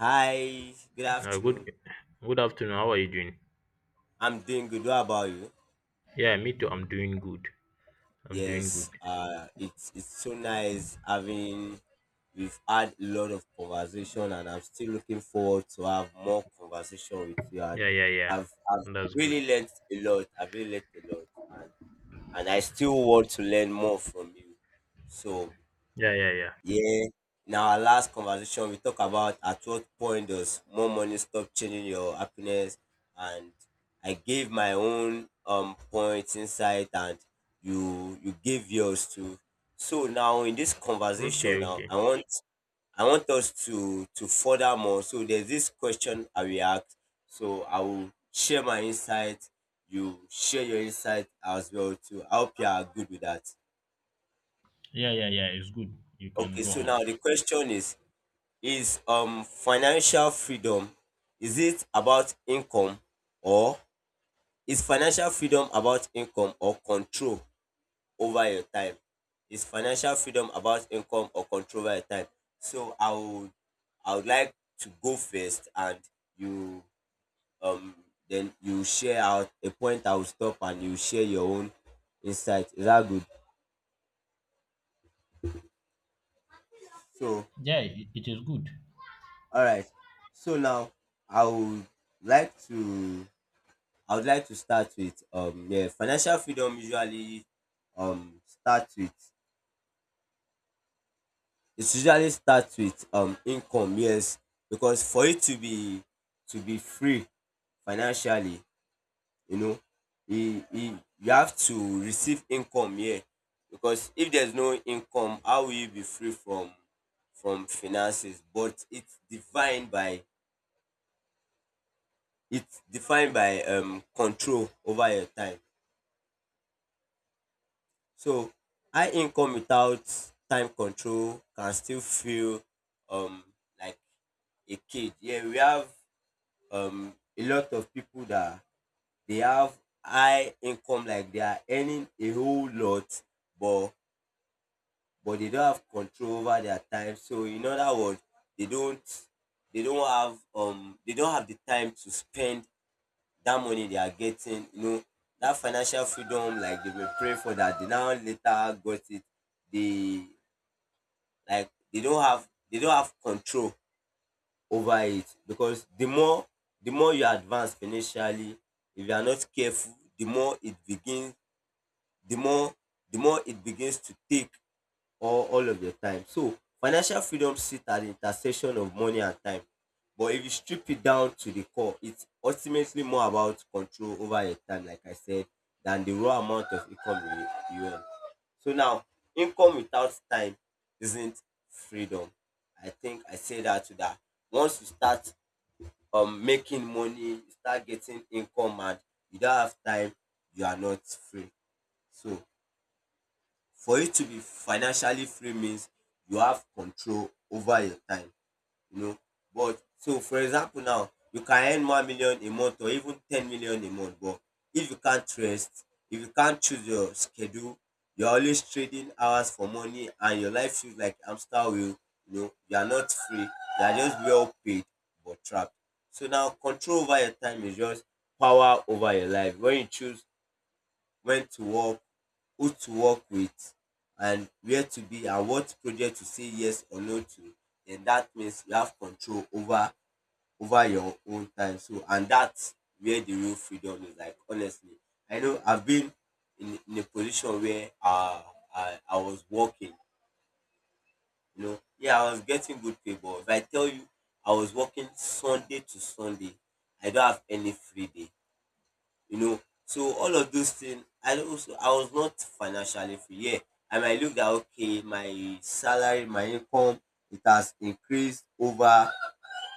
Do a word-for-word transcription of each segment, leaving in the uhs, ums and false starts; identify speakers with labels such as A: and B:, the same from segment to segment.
A: Hi, good
B: Uh, good
A: afternoon.
B: good afternoon. How are you doing?
A: I'm doing good. What about you?
B: Yeah, me too. I'm doing good. I'm doing good.
A: Yes, uh, it's it's so nice having. We've had a lot of conversation, and I'm still looking forward to have more conversation with you. And
B: Yeah, yeah, yeah.
A: I've I've
B: That's good.
A: really learned a lot. I've really learned a lot, and and I still want to learn more from you. So
B: Yeah, yeah, yeah.
A: Yeah. In our last conversation, we talk about at what point does more money stop changing your happiness, and I gave my own um points, insight, and you you gave yours too. So now in this
B: Okay,
A: conversation, now
B: okay.
A: I want I want us to to further more. So there's this question I will ask. So I will share my insight. You share your insight as well too. I hope you are good with that.
B: Yeah, yeah, yeah. It's good. You can
A: Okay,
B: go
A: so
B: on.
A: now the question is: Is um financial freedom, is it about income or is financial freedom about income or control over your time? Is financial freedom about income or control over your time? So I would I would like to go first, and you um then you share out a point, I will stop and you share your own insight. Is that good? So
B: Yeah, it, it is good.
A: all right. So now I would like to I would like to start with um yeah, financial freedom usually um starts with it usually starts with um income, yes, because for it to be to be free financially, you know, e e you have to receive income, yeah, because if there's no income, how will you be free from from finances? But it's defined by it's defined by um control over your time. So high income without time control can still feel um like a cage. Yeah, we have um a lot of people that they have high income, like they are earning a whole lot, but but they don't have control over their time. So in other words, they don't they don't have um they don't have the time to spend that money they are getting, you know, that financial freedom, like they were praying for that, they now later got it. They, like they don't have they don't have control over it because the more the more you advance financially, if you are not careful, the more it begins the more the more it begins to take or all of your time. So financial freedom sits at the intersection of money and time. But if you strip it down to the core, it's ultimately more about control over your time, like I said, than the raw amount of income you, you earn. So now, income without time isn't freedom. I think I say that to that. Once you start um making money, you start getting income and you don't have time, you are not free. So for you to be financially free means you have control over your time, you know. But so for example now, you can earn one million a month or even ten million a month, but if you can't rest, if you can't choose your schedule, you're always trading hours for money and your life feels like hamster wheel, you know, you are not free, you are just well paid but trapped. So now control over your time is just power over your life. When you choose when to work, who to work with, and where to be, and what project to say yes or no to, then that means you have control over over your own time. So and that's where the real freedom is. Like honestly, I know I've been in, in a position where uh, I I was working. You know, yeah, I was getting good pay, but if I tell you I was working Sunday to Sunday, I don't have any free day, you know, so all of those things, I also, I was not financially free. Yeah, I might look that okay, my salary, my income, it has increased over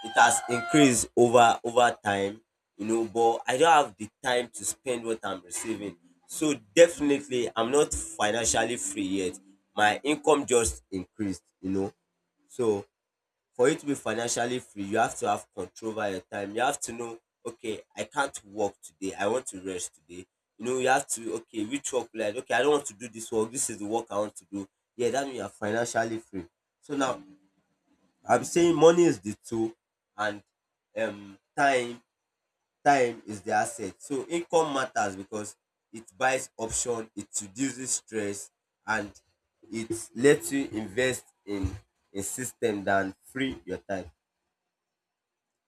A: it has increased over over time, you know, but I don't have the time to spend what I'm receiving. So definitely I'm not financially free yet. My income just increased, you know. So for you to be financially free, you have to have control over your time. You have to know, okay, I can't work today. I want to rest today. You know, you have to, okay, which work will I do? Okay, I don't want to do this work. This is the work I want to do. Yeah, that means you're financially free. So now I'm saying money is the tool and um time time is the asset. So income matters because it buys option, it reduces stress and it lets you invest in a system than free your time.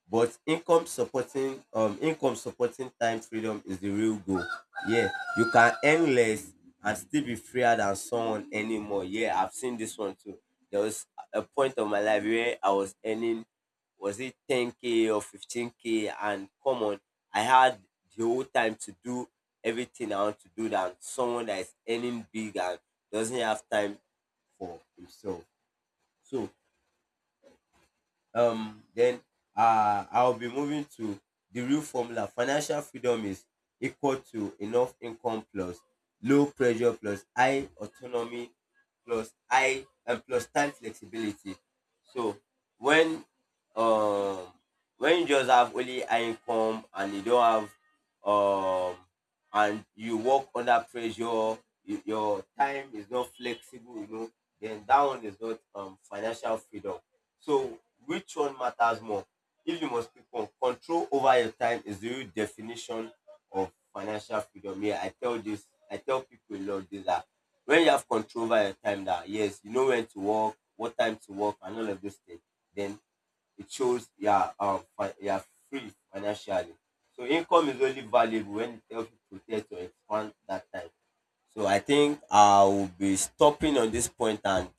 A: But income supporting um income supporting time freedom is the real goal. Yeah, you can earn less and still be freer than someone anymore. Yeah, I've seen this one too. There was a point of my life where I was earning, was it ten k or fifteen k, and come on, I had the whole time to do everything I want to do than someone that is earning big and doesn't have time for himself. So um then uh I'll be moving to the real formula. Financial freedom is equal to enough income plus low pressure plus high autonomy plus high and plus time flexibility. So when um when you just have only high income and you don't have um and you work under pressure, you, your time is not flexible, you know, then that one is not um financial freedom. So, which one matters more? If you must pick one, control over your time is the real definition of financial freedom. Yeah, I tell this, I tell people a lot this that when you have control over your time, that yes, you know when to work, what time to work, and all of those things, then it shows you are, um, you are free financially. So, income is only valuable when it helps you protect or expand that time. So I think I will be stopping on this point and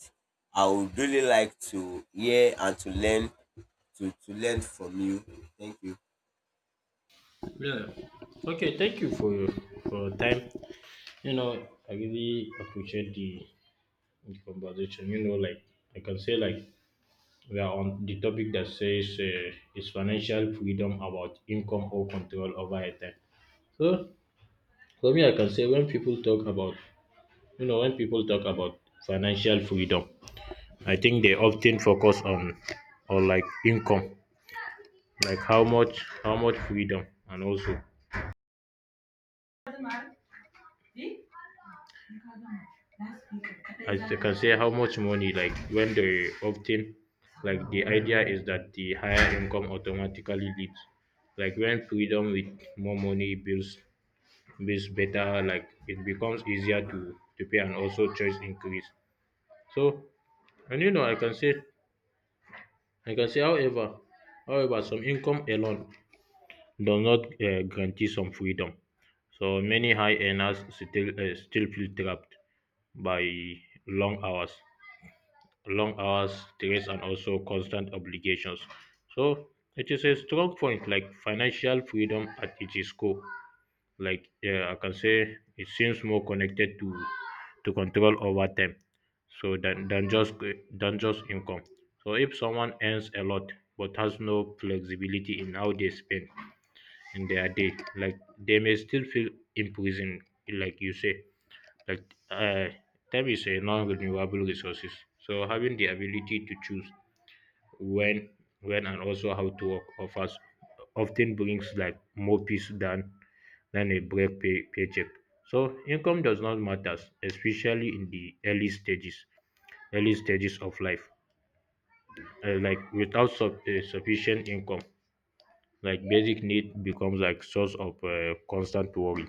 A: I would really like to hear and to learn to, to learn from you. Thank you.
B: Yeah. Okay. Thank you for your for your time. You know, I really appreciate the, the conversation. You know, like I can say, like we are on the topic that says uh, is financial freedom about income or control over a time. So for me, I can say when people talk about you know when people talk about financial freedom, I think they often focus on on like income, like how much how much freedom, and also as they can say how much money. Like when they often like the idea is that the higher income automatically leads, like when freedom with more money builds builds better, like it becomes easier to to pay and also choice increase. So and you know I can say I can say, however, however, some income alone does not uh, guarantee some freedom. So many high earners still uh, still feel trapped by long hours, long hours, stress, and also constant obligations. So it is a strong point, like financial freedom at its core like yeah, I can say it seems more connected to to control over time, so than, than just than just income. So if someone earns a lot but has no flexibility in how they spend in their day, like they may still feel imprisoned, like you say. Like uh, Time is a non-renewable resources. So having the ability to choose when when and also how to work offers often brings like more peace than than a break pay, paycheck. So income does not matter, especially in the early stages, early stages of life. Uh, like without sub, uh, sufficient income, like basic need becomes like source of uh, constant worry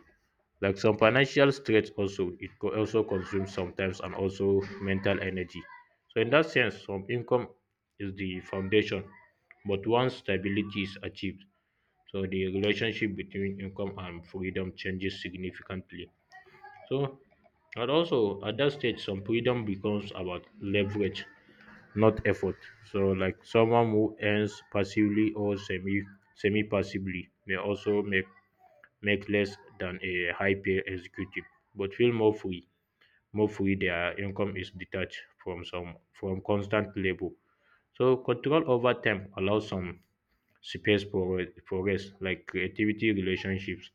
B: like some financial stress also it co- also consumes sometimes and also mental energy, so in that sense some income is the foundation, but once stability is achieved, so the relationship between income and freedom changes significantly. So and also at that stage some freedom becomes about leverage, not effort. So, like someone who earns passively or semi semi passively may also make make less than a high pay executive, but feel more free. More free, their income is detached from some from constant labor. So control over time allows some space for for rest, like creativity, relationships,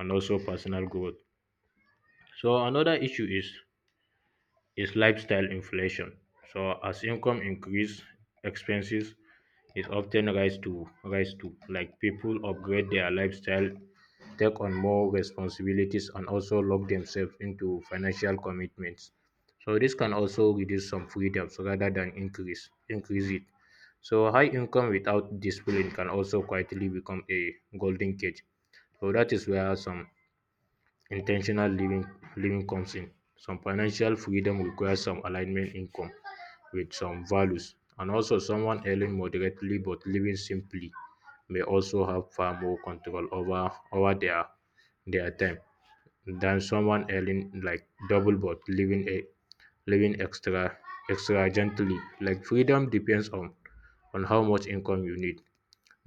B: and also personal growth. So another issue is is lifestyle inflation. So as income increase, expenses is often rise to rise to like people upgrade their lifestyle, take on more responsibilities and also lock themselves into financial commitments. So this can also reduce some freedoms rather than increase increase it. So high income without discipline can also quietly become a golden cage. So that is where some intentional living living comes in. Some financial freedom requires some alignment income with some values, and also someone earning moderately but living simply may also have far more control over over their their time than someone earning like double but living a living extra extra gently. Like freedom depends on on how much income you need,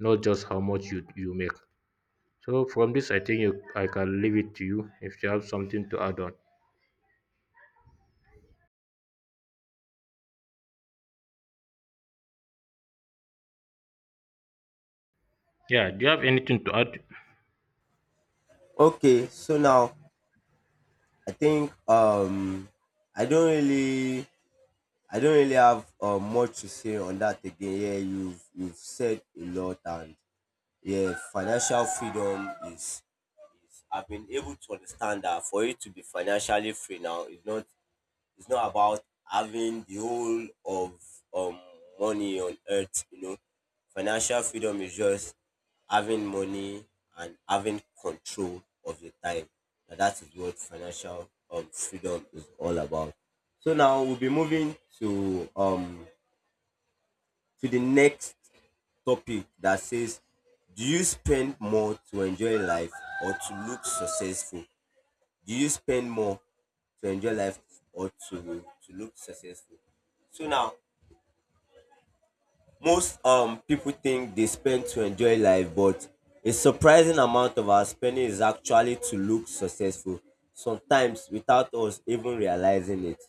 B: not just how much you, you make. So from this, I think you, I can leave it to you if you have something to add on. Yeah, do you have anything to add?
A: Okay, so now I think um I don't really I don't really have uh, much to say on that again. Yeah, you've you've said a lot and yeah, financial freedom is is I've been able to understand that for you to be financially free now is not — it's not about having the whole of um money on earth, you know. Financial freedom is just having money and having control of your time. Now that is what financial um freedom is all about. So now we'll be moving to um to the next topic that says, do you spend more to enjoy life or to look successful? Do you spend more to enjoy life or to to look successful? So now most um people think they spend to enjoy life, but a surprising amount of our spending is actually to look successful, sometimes without us even realizing it.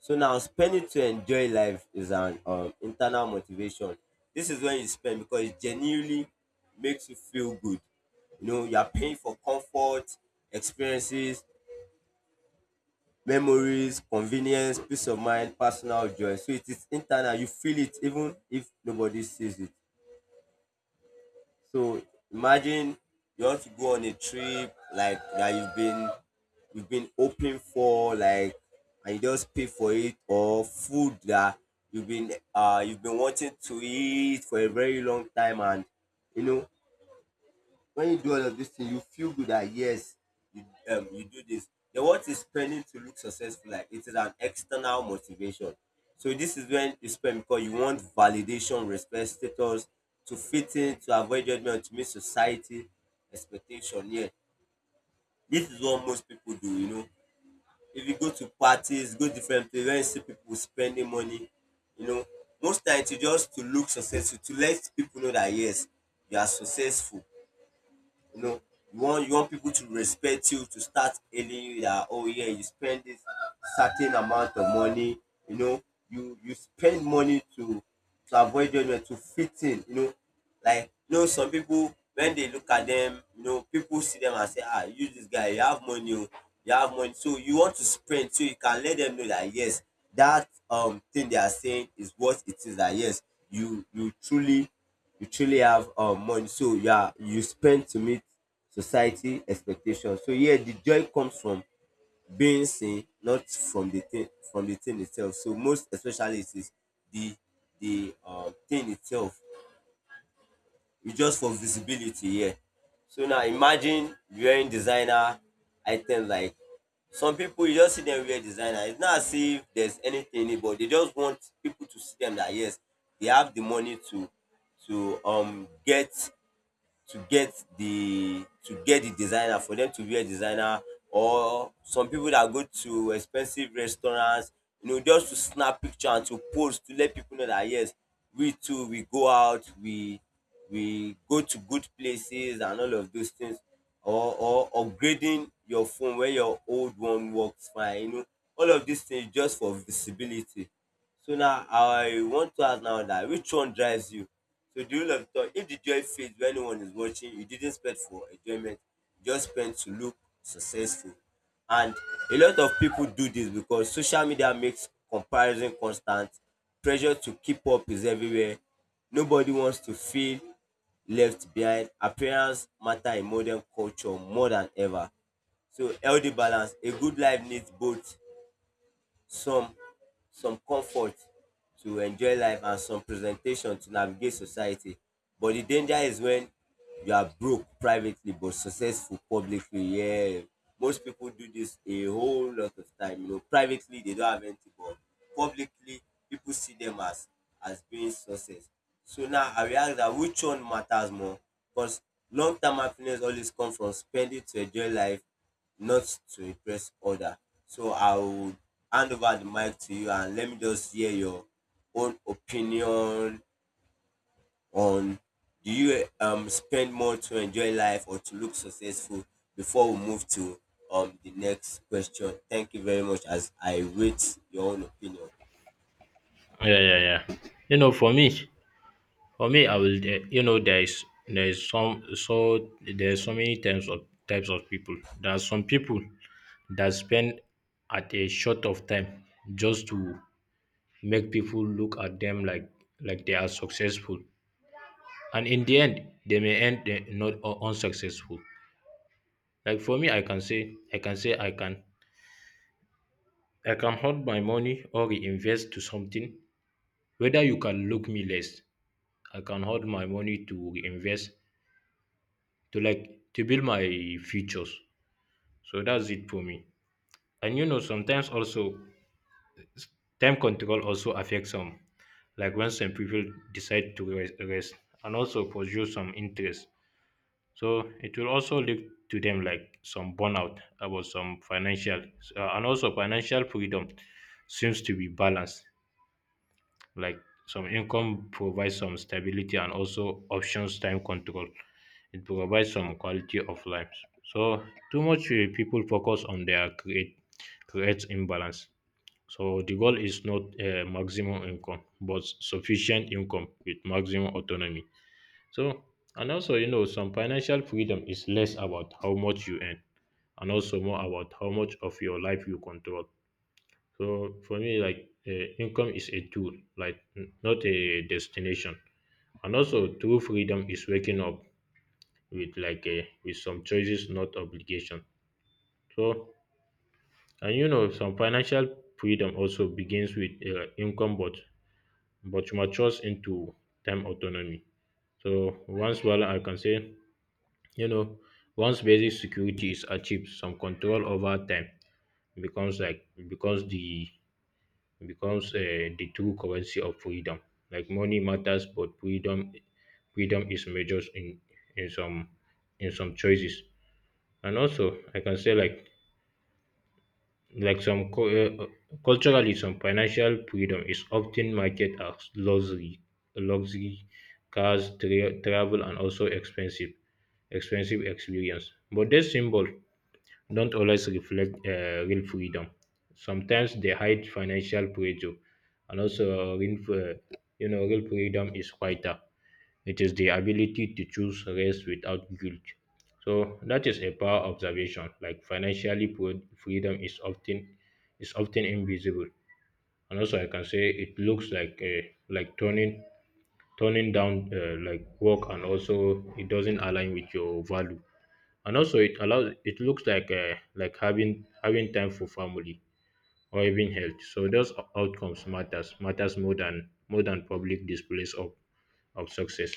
A: So now spending to enjoy life is an um internal motivation. This is when you spend because it genuinely makes you feel good. You know, you are paying for comfort, experiences, memories, convenience, peace of mind, personal joy. So it is internal. You feel it even if nobody sees it. So imagine you want to go on a trip like that you've been you've been hoping for, like, and you just pay for it, or food that you've been uh you've been wanting to eat for a very long time, and you know, when you do all of these things, you feel good that yes, you um you do this. Then what is spending to look successful like? It is an external motivation. So this is when you spend because you want validation, respect, status, to fit in, to avoid judgment, to meet society expectation. Yeah, this is what most people do. You know, if you go to parties, go different places, when you see people spending money, you know, most times you just to look successful, to let people know that yes, you are successful, you know, you want you want people to respect you, to start hailing you that oh yeah, you spend this certain amount of money. You know, you you spend money to to avoid judgment, to fit in. You know, like you know some people when they look at them, you know, people see them and say, "Ah, you this guy, you have money. Oh, you have money, so you want to spend so you can let them know that yes, that um thing they are saying is what it is, that yes, you you truly you truly have um, money, so you are you spend to meet society expectations." So yeah, the joy comes from being seen, not from the thing, from the thing itself. So most especially, it is the the um, thing itself. It's just for visibility here. Yeah. So now, imagine wearing designer items. Like, some people you just see them wear designer. It's not as if there's anything in it, but they just want people to see them that yes, they have the money to to um get to get the to get the designer, for them to wear designer. Or some people that go to expensive restaurants, you know, just to snap picture and to post, to let people know that yes, we too we go out, we we go to good places and all of those things. Or or upgrading your phone when your old one works fine, you know, all of these things just for visibility. So now I want to ask now, that which one drives you? So the rule of thought: if the joy fades when no one is watching, you didn't spend for enjoyment, you just spent to look successful. And a lot of people do this because social media makes comparison constant, pressure to keep up is everywhere. Nobody wants to feel left behind. Appearance matter in modern culture more than ever. So, healthy balance: a good life needs both some some comfort to enjoy life and some presentation to navigate society. But the danger is when you are broke privately but successful publicly. Yeah, most people do this a whole lot of time. You know, privately they don't have anything, but publicly people see them as as being success. So now I realize that, which one matters more? Because long term happiness always come from spending to enjoy life, not to impress other. So I would hand over the mic to you and let me just hear your own opinion on, do you um spend more to enjoy life or to look successful, before we move to um the next question. Thank you very much as I wait your own opinion.
B: Yeah, yeah, yeah. You know, for me, for me, I will. eh, You know, there is there is some so there's so many types of types of people. There are some people that spend at a short of time just to make people look at them like like they are successful, and in the end, they may end eh, not u- unsuccessful. Like for me, I can say I can say I can I can hold my money or reinvest to something whether you can look me less. I can hold my money to reinvest to like to build my futures. So that's it for me. And you know sometimes also time control also affects some like when some people decide to rest, rest and also pursue some interest. So it will also lead to them like some burnout about some financial uh, and also financial freedom seems to be balanced, like some income provides some stability and also options. Time control, it provides some quality of life. So too much uh, people focus on their create creates imbalance. So the goal is not uh, maximum income but sufficient income with maximum autonomy. So and also you know some financial freedom is less about how much you earn and also more about how much of your life you control. So for me, like uh, income is a tool, like n- not a destination. And also, true freedom is waking up with like a, with some choices, not obligation. So, and you know, some financial freedom also begins with uh, income, but but matures into time autonomy. So once well, I can say, you know, once basic security is achieved, some control over time becomes like becomes the becomes uh, the true currency of freedom. Like money matters, but freedom freedom is measured in in some in some choices. And also, I can say like like some cu- uh, culturally, some financial freedom is often marketed as luxury, luxury cars, tra- travel, and also expensive expensive experience. But this symbol don't always reflect uh, real freedom. Sometimes they hide financial pressure, and also real, fr- you know, real freedom is quieter. It is the ability to choose rest without guilt. So that is a power observation. Like financially, pro- freedom is often is often invisible, and also I can say it looks like uh, like turning turning down uh, like work, and also it doesn't align with your value, and also it allows it looks like uh, like having having time for family or even health. So those o- outcomes matters matters more than more than public displays of of success.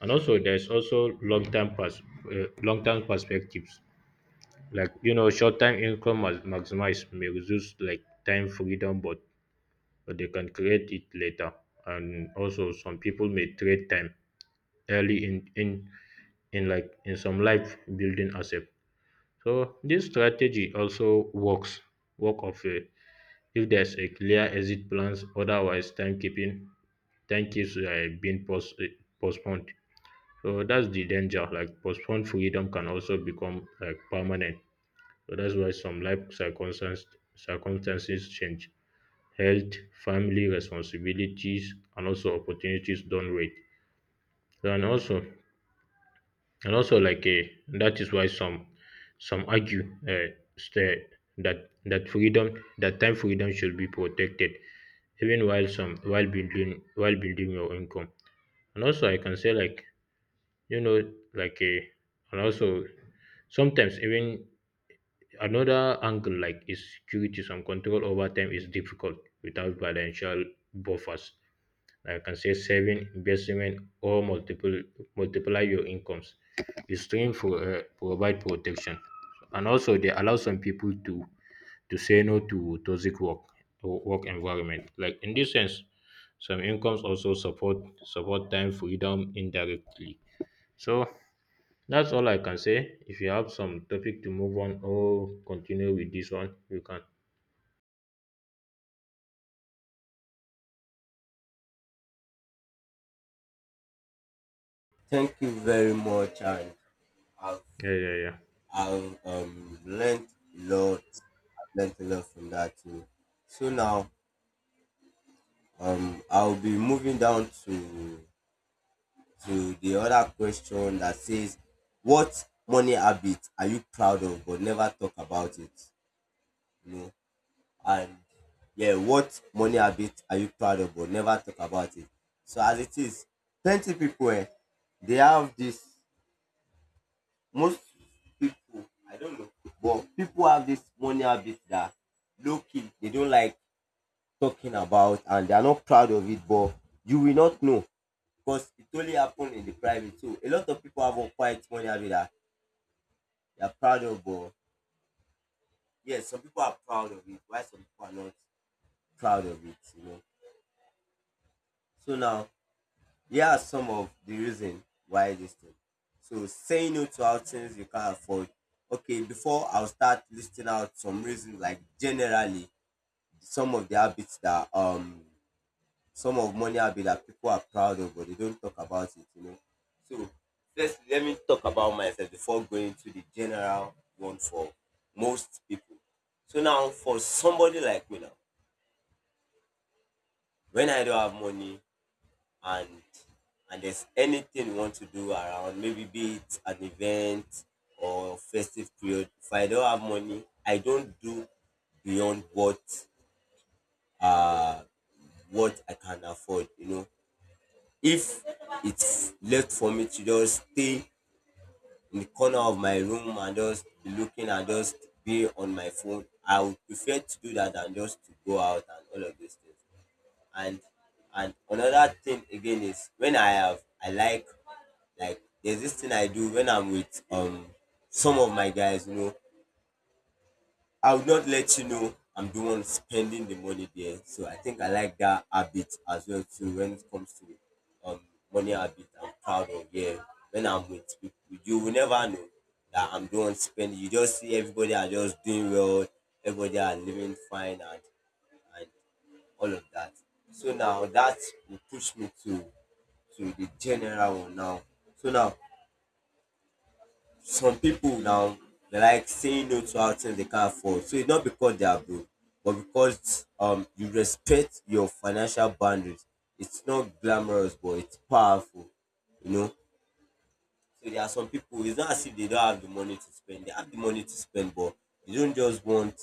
B: And also there's also long term pers- uh, long term perspectives. Like you know short term income mas- maximize may reduce like time freedom but, but they can create it later. And also some people may trade time early in in in like in some life building asset. So this strategy also works work of a, if there's a clear exit plans. Otherwise, timekeeping time keeps uh, being post, eh, postponed. So that's the danger. Like postponed freedom can also become like permanent. So that's why some life circumstances circumstances change. Health, family responsibilities, and also opportunities don't wait. And also and also, like eh, that is why some some argue uh, sta- that that freedom that time freedom should be protected, even while some while building while building your income. And also, I can say like you know like a and also sometimes even another angle like is security. Some control over time is difficult without financial buffers, I can say saving, investment, or multiple multiply your incomes. It's stream for uh, provide protection, and also they allow some people to to say no to toxic work or work environment. Like in this sense, some incomes also support support time freedom indirectly. So that's all I can say. If you have some topic to move on or continue with this one, you can.
A: Thank you very much, and I've
B: Yeah, yeah, yeah.
A: I've um learned a lot. I've learned a lot from that too. So now, Um, I'll be moving down to to the other question that says, "What money habit are you proud of but never talk about it?" You know, and yeah, what money habit are you proud of but never talk about it? So as it is, plenty people um they have this, most people, I don't know, but people have this money habit that low key they don't like talking about, and they are not proud of it, but you will not know because it only happened in the private too. A lot of people have unquiet money habit that they are proud of, but yes, some people are proud of it, while some people are not proud of it, you know. So now here are some of the reason why this thing. So, saying no to outings you can't afford. Okay, before I'll start listing out some reasons, like generally some of the habits that um some of money I'll be like people are proud of, but they don't talk about it, you know. So first let me talk about myself before going to the general one for most people. So now for somebody like me now, when I don't have money, and and there's anything you want to do around, maybe be it an event or festive period, if I don't have money, I don't do beyond what uh what I can afford, you know. If it's left for me to just stay in the corner of my room and just be looking and just be on my phone, I would prefer to do that than just to go out and all of those things. And and another thing again is, when I have, I like like there's this thing I do when I'm with um some of my guys, you know, I would not let you know I'm the one spending the money there. So I think I like that habit as well too when it comes to um money habit I'm proud of, yeah. When I'm with people, you will never know that I'm the one spending. You just see everybody are just doing well, everybody are living fine, and and all of that. So now that will push me to to the general one now. So now, some people now, they like saying no to outings they can't afford. So it's not because they are broke, but because um you respect your financial boundaries. It's not glamorous, but it's powerful. You know. So there are some people, it's not as if they don't have the money to spend. They have the money to spend, but they don't just want.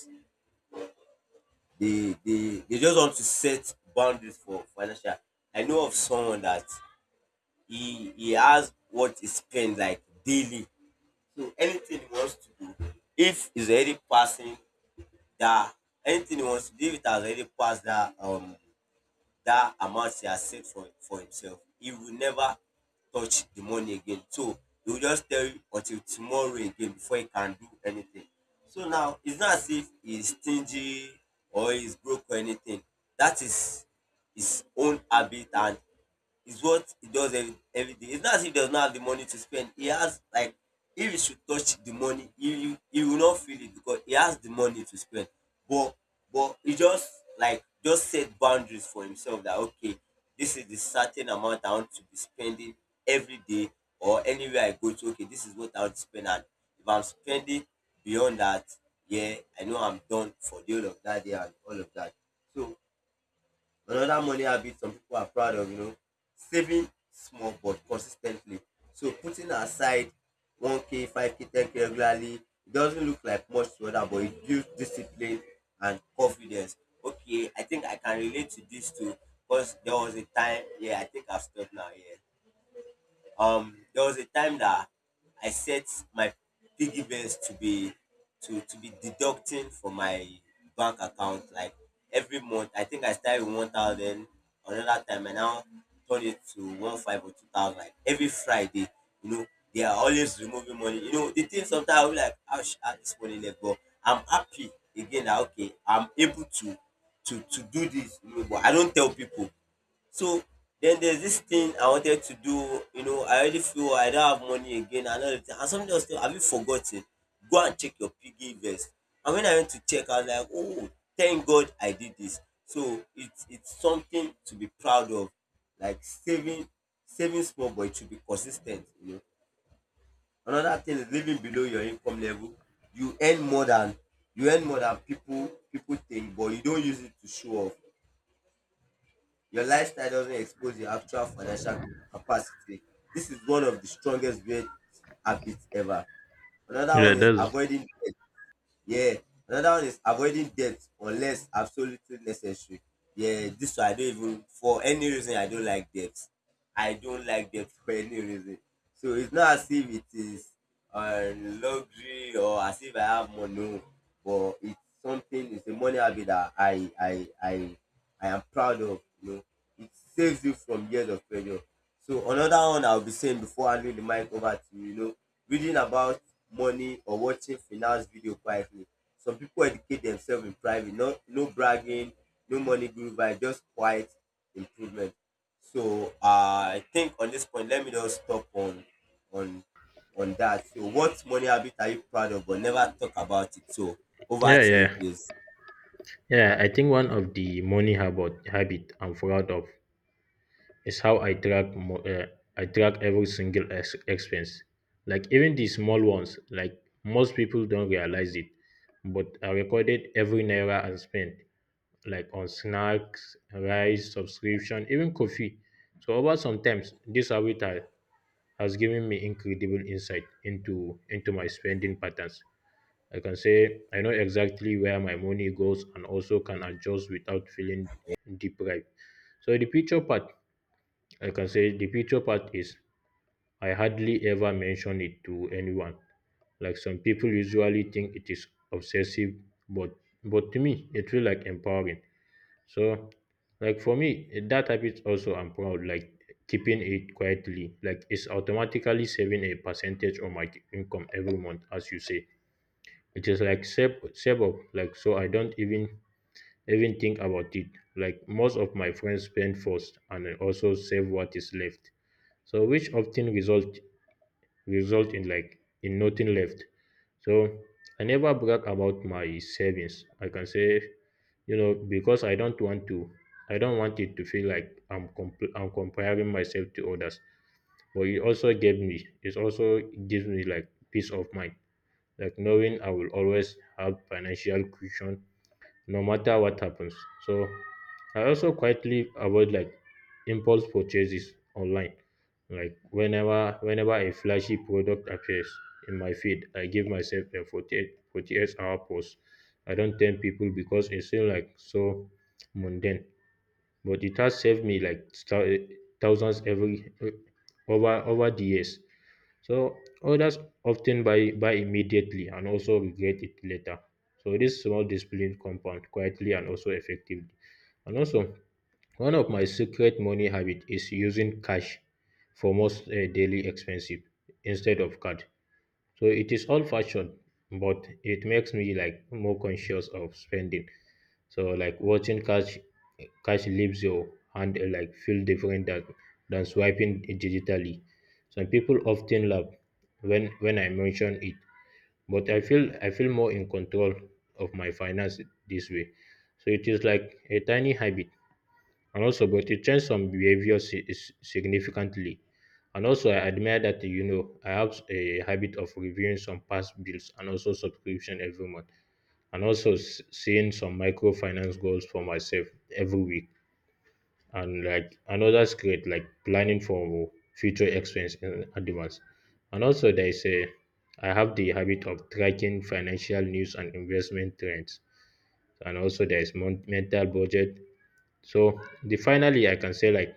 A: They they they just want to set boundaries for financial. I know of someone that he he has what he spends like daily. So anything he wants to do, if he's already passing that, anything he wants to do, if it has already passed that um that amount he has saved for, for himself, he will never touch the money again. So he will just tell you until tomorrow again before he can do anything. So now it's not as if he's stingy or he's broke or anything. That is his own habit and is what he does every, every day. It's not as if he does not have the money to spend. He has, like, if he should touch the money, he, he, will not feel it because he has the money to spend. But but he just, like, just set boundaries for himself that, okay, this is the certain amount I want to be spending every day, or anywhere I go to. Okay, this is what I want to spend, and if I'm spending beyond that, yeah, I know I'm done for the whole of that day and all of that. So, another money habit some people are proud of, you know, saving small but consistently. So putting aside one k, five k, ten k regularly, it doesn't look like much to other, but it builds discipline and confidence. Okay, I think I can relate to this too, because there was a time, yeah, I think I've stopped now, yeah. Um, there was a time that I set my piggy banks to be to to be deducting from my bank account like every month. I think I started with one thousand. Another time I now turn it to one five or two thousand. Like every Friday, you know, they are always removing money. You know, the thing, sometimes I'll be like, I should have this money left, but I'm happy again that okay, I'm able to to to do this. You know, but I don't tell people. So then there's this thing I wanted to do, you know, I already feel I don't have money again, another thing. And somebody else telling, have you forgotten? Go and check your piggy vest. And when I went to check, I was like, oh, thank God I did this. So it's it's something to be proud of. Like saving saving small, but it should be consistent, you know. Another thing is living below your income level. You earn more than you earn more than people people think, but you don't use it to show off. Your lifestyle doesn't expose your actual financial capacity. This is one of the strongest weird habits ever. Another
B: Yeah,
A: one is
B: that's
A: avoiding debt. Yeah. Another one is avoiding debt unless absolutely necessary. Yeah, this one I don't, even for any reason I don't like debt. I don't like debt for any reason. So it's not as if it is uh, luxury or as if I have money, no. But it's something. It's a money habit that I I I I am proud of. You know, it saves you from years of failure. So another one I'll be saying before I leave the mic over to you, you know, reading about money or watching finance video quietly. Some people educate themselves in private, no no bragging, no money guru vibe, just quiet improvement. So uh, I think on this point, let me just stop on on on that. So, what money habit are you proud of but never talk about it? So over
B: yeah,
A: to you,
B: yeah.
A: please.
B: Yeah, I think one of the money habit habit I'm proud of is how I track mo- uh, I track every single ex- expense, like even the small ones. Like most people don't realize it, but I recorded every naira I spent, like on snacks, rice, subscription, even coffee. So over sometimes this habit ha- has given me incredible insight into into my spending patterns. I can say I know exactly where my money goes and also can adjust without feeling deprived. So the future part, I can say the future part is I hardly ever mention it to anyone. Like some people usually think it is obsessive, but but to me it feel like empowering. So like for me that habit also I'm proud like keeping it quietly like it's automatically saving a percentage of my income every month as you say. It is like save save up like so I don't even even think about it. Like most of my friends spend first and I also save what is left, so which often result result in like in nothing left. So I never brag about my savings, I can say, you know, because I don't want to I don't want it to feel like I'm comp- I'm comparing myself to others, but it also gave me it also gives me like peace of mind, like knowing I will always have financial cushion no matter what happens. So I also quietly avoid like impulse purchases online. Like whenever whenever a flashy product appears in my feed, I give myself a forty-eight forty-eight hour pause. I don't tell people because it seems like so mundane. But it has saved me like thou- thousands every over over the years. So others often buy buy immediately and also regret it later. So this small discipline compound quietly and also effectively. And also one of my secret money habit is using cash for most uh, daily expensive instead of card. So it is old fashioned, but it makes me like more conscious of spending. So like watching cash cash leaves your hand uh, like feel different than than swiping digitally. Some people often laugh when when I mention it, but I feel I feel more in control of my finance this way. So it is like a tiny habit and also but it changed some behavior si- is- significantly. And also I admire that, you know, I have a habit of reviewing some past bills and also subscription every month, and also s- seeing some microfinance goals for myself every week, and like another great, like planning for future expense in advance. And also there is a I have the habit of tracking financial news and investment trends, and also there is mon- mental budget. So the finally I can say like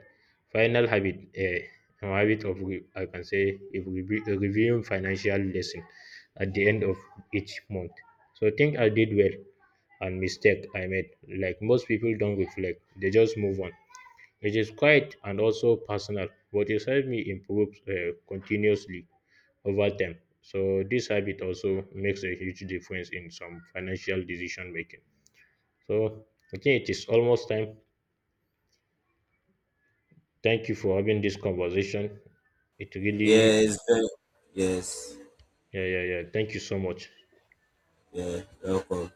B: final habit eh, a habit of re- I can say if we re- reviewing financial lesson at the end of each month. So think I did well and mistake I made. Like most people don't reflect, they just move on. It is quiet and also personal, but it helped me improve uh, continuously over time. So this habit also makes a huge difference in some financial decision making. So I think it is almost time. Thank you for having this conversation. It really,
A: Yes, very- yes,
B: yeah, yeah, yeah. Thank you so much.
A: yeah, welcome.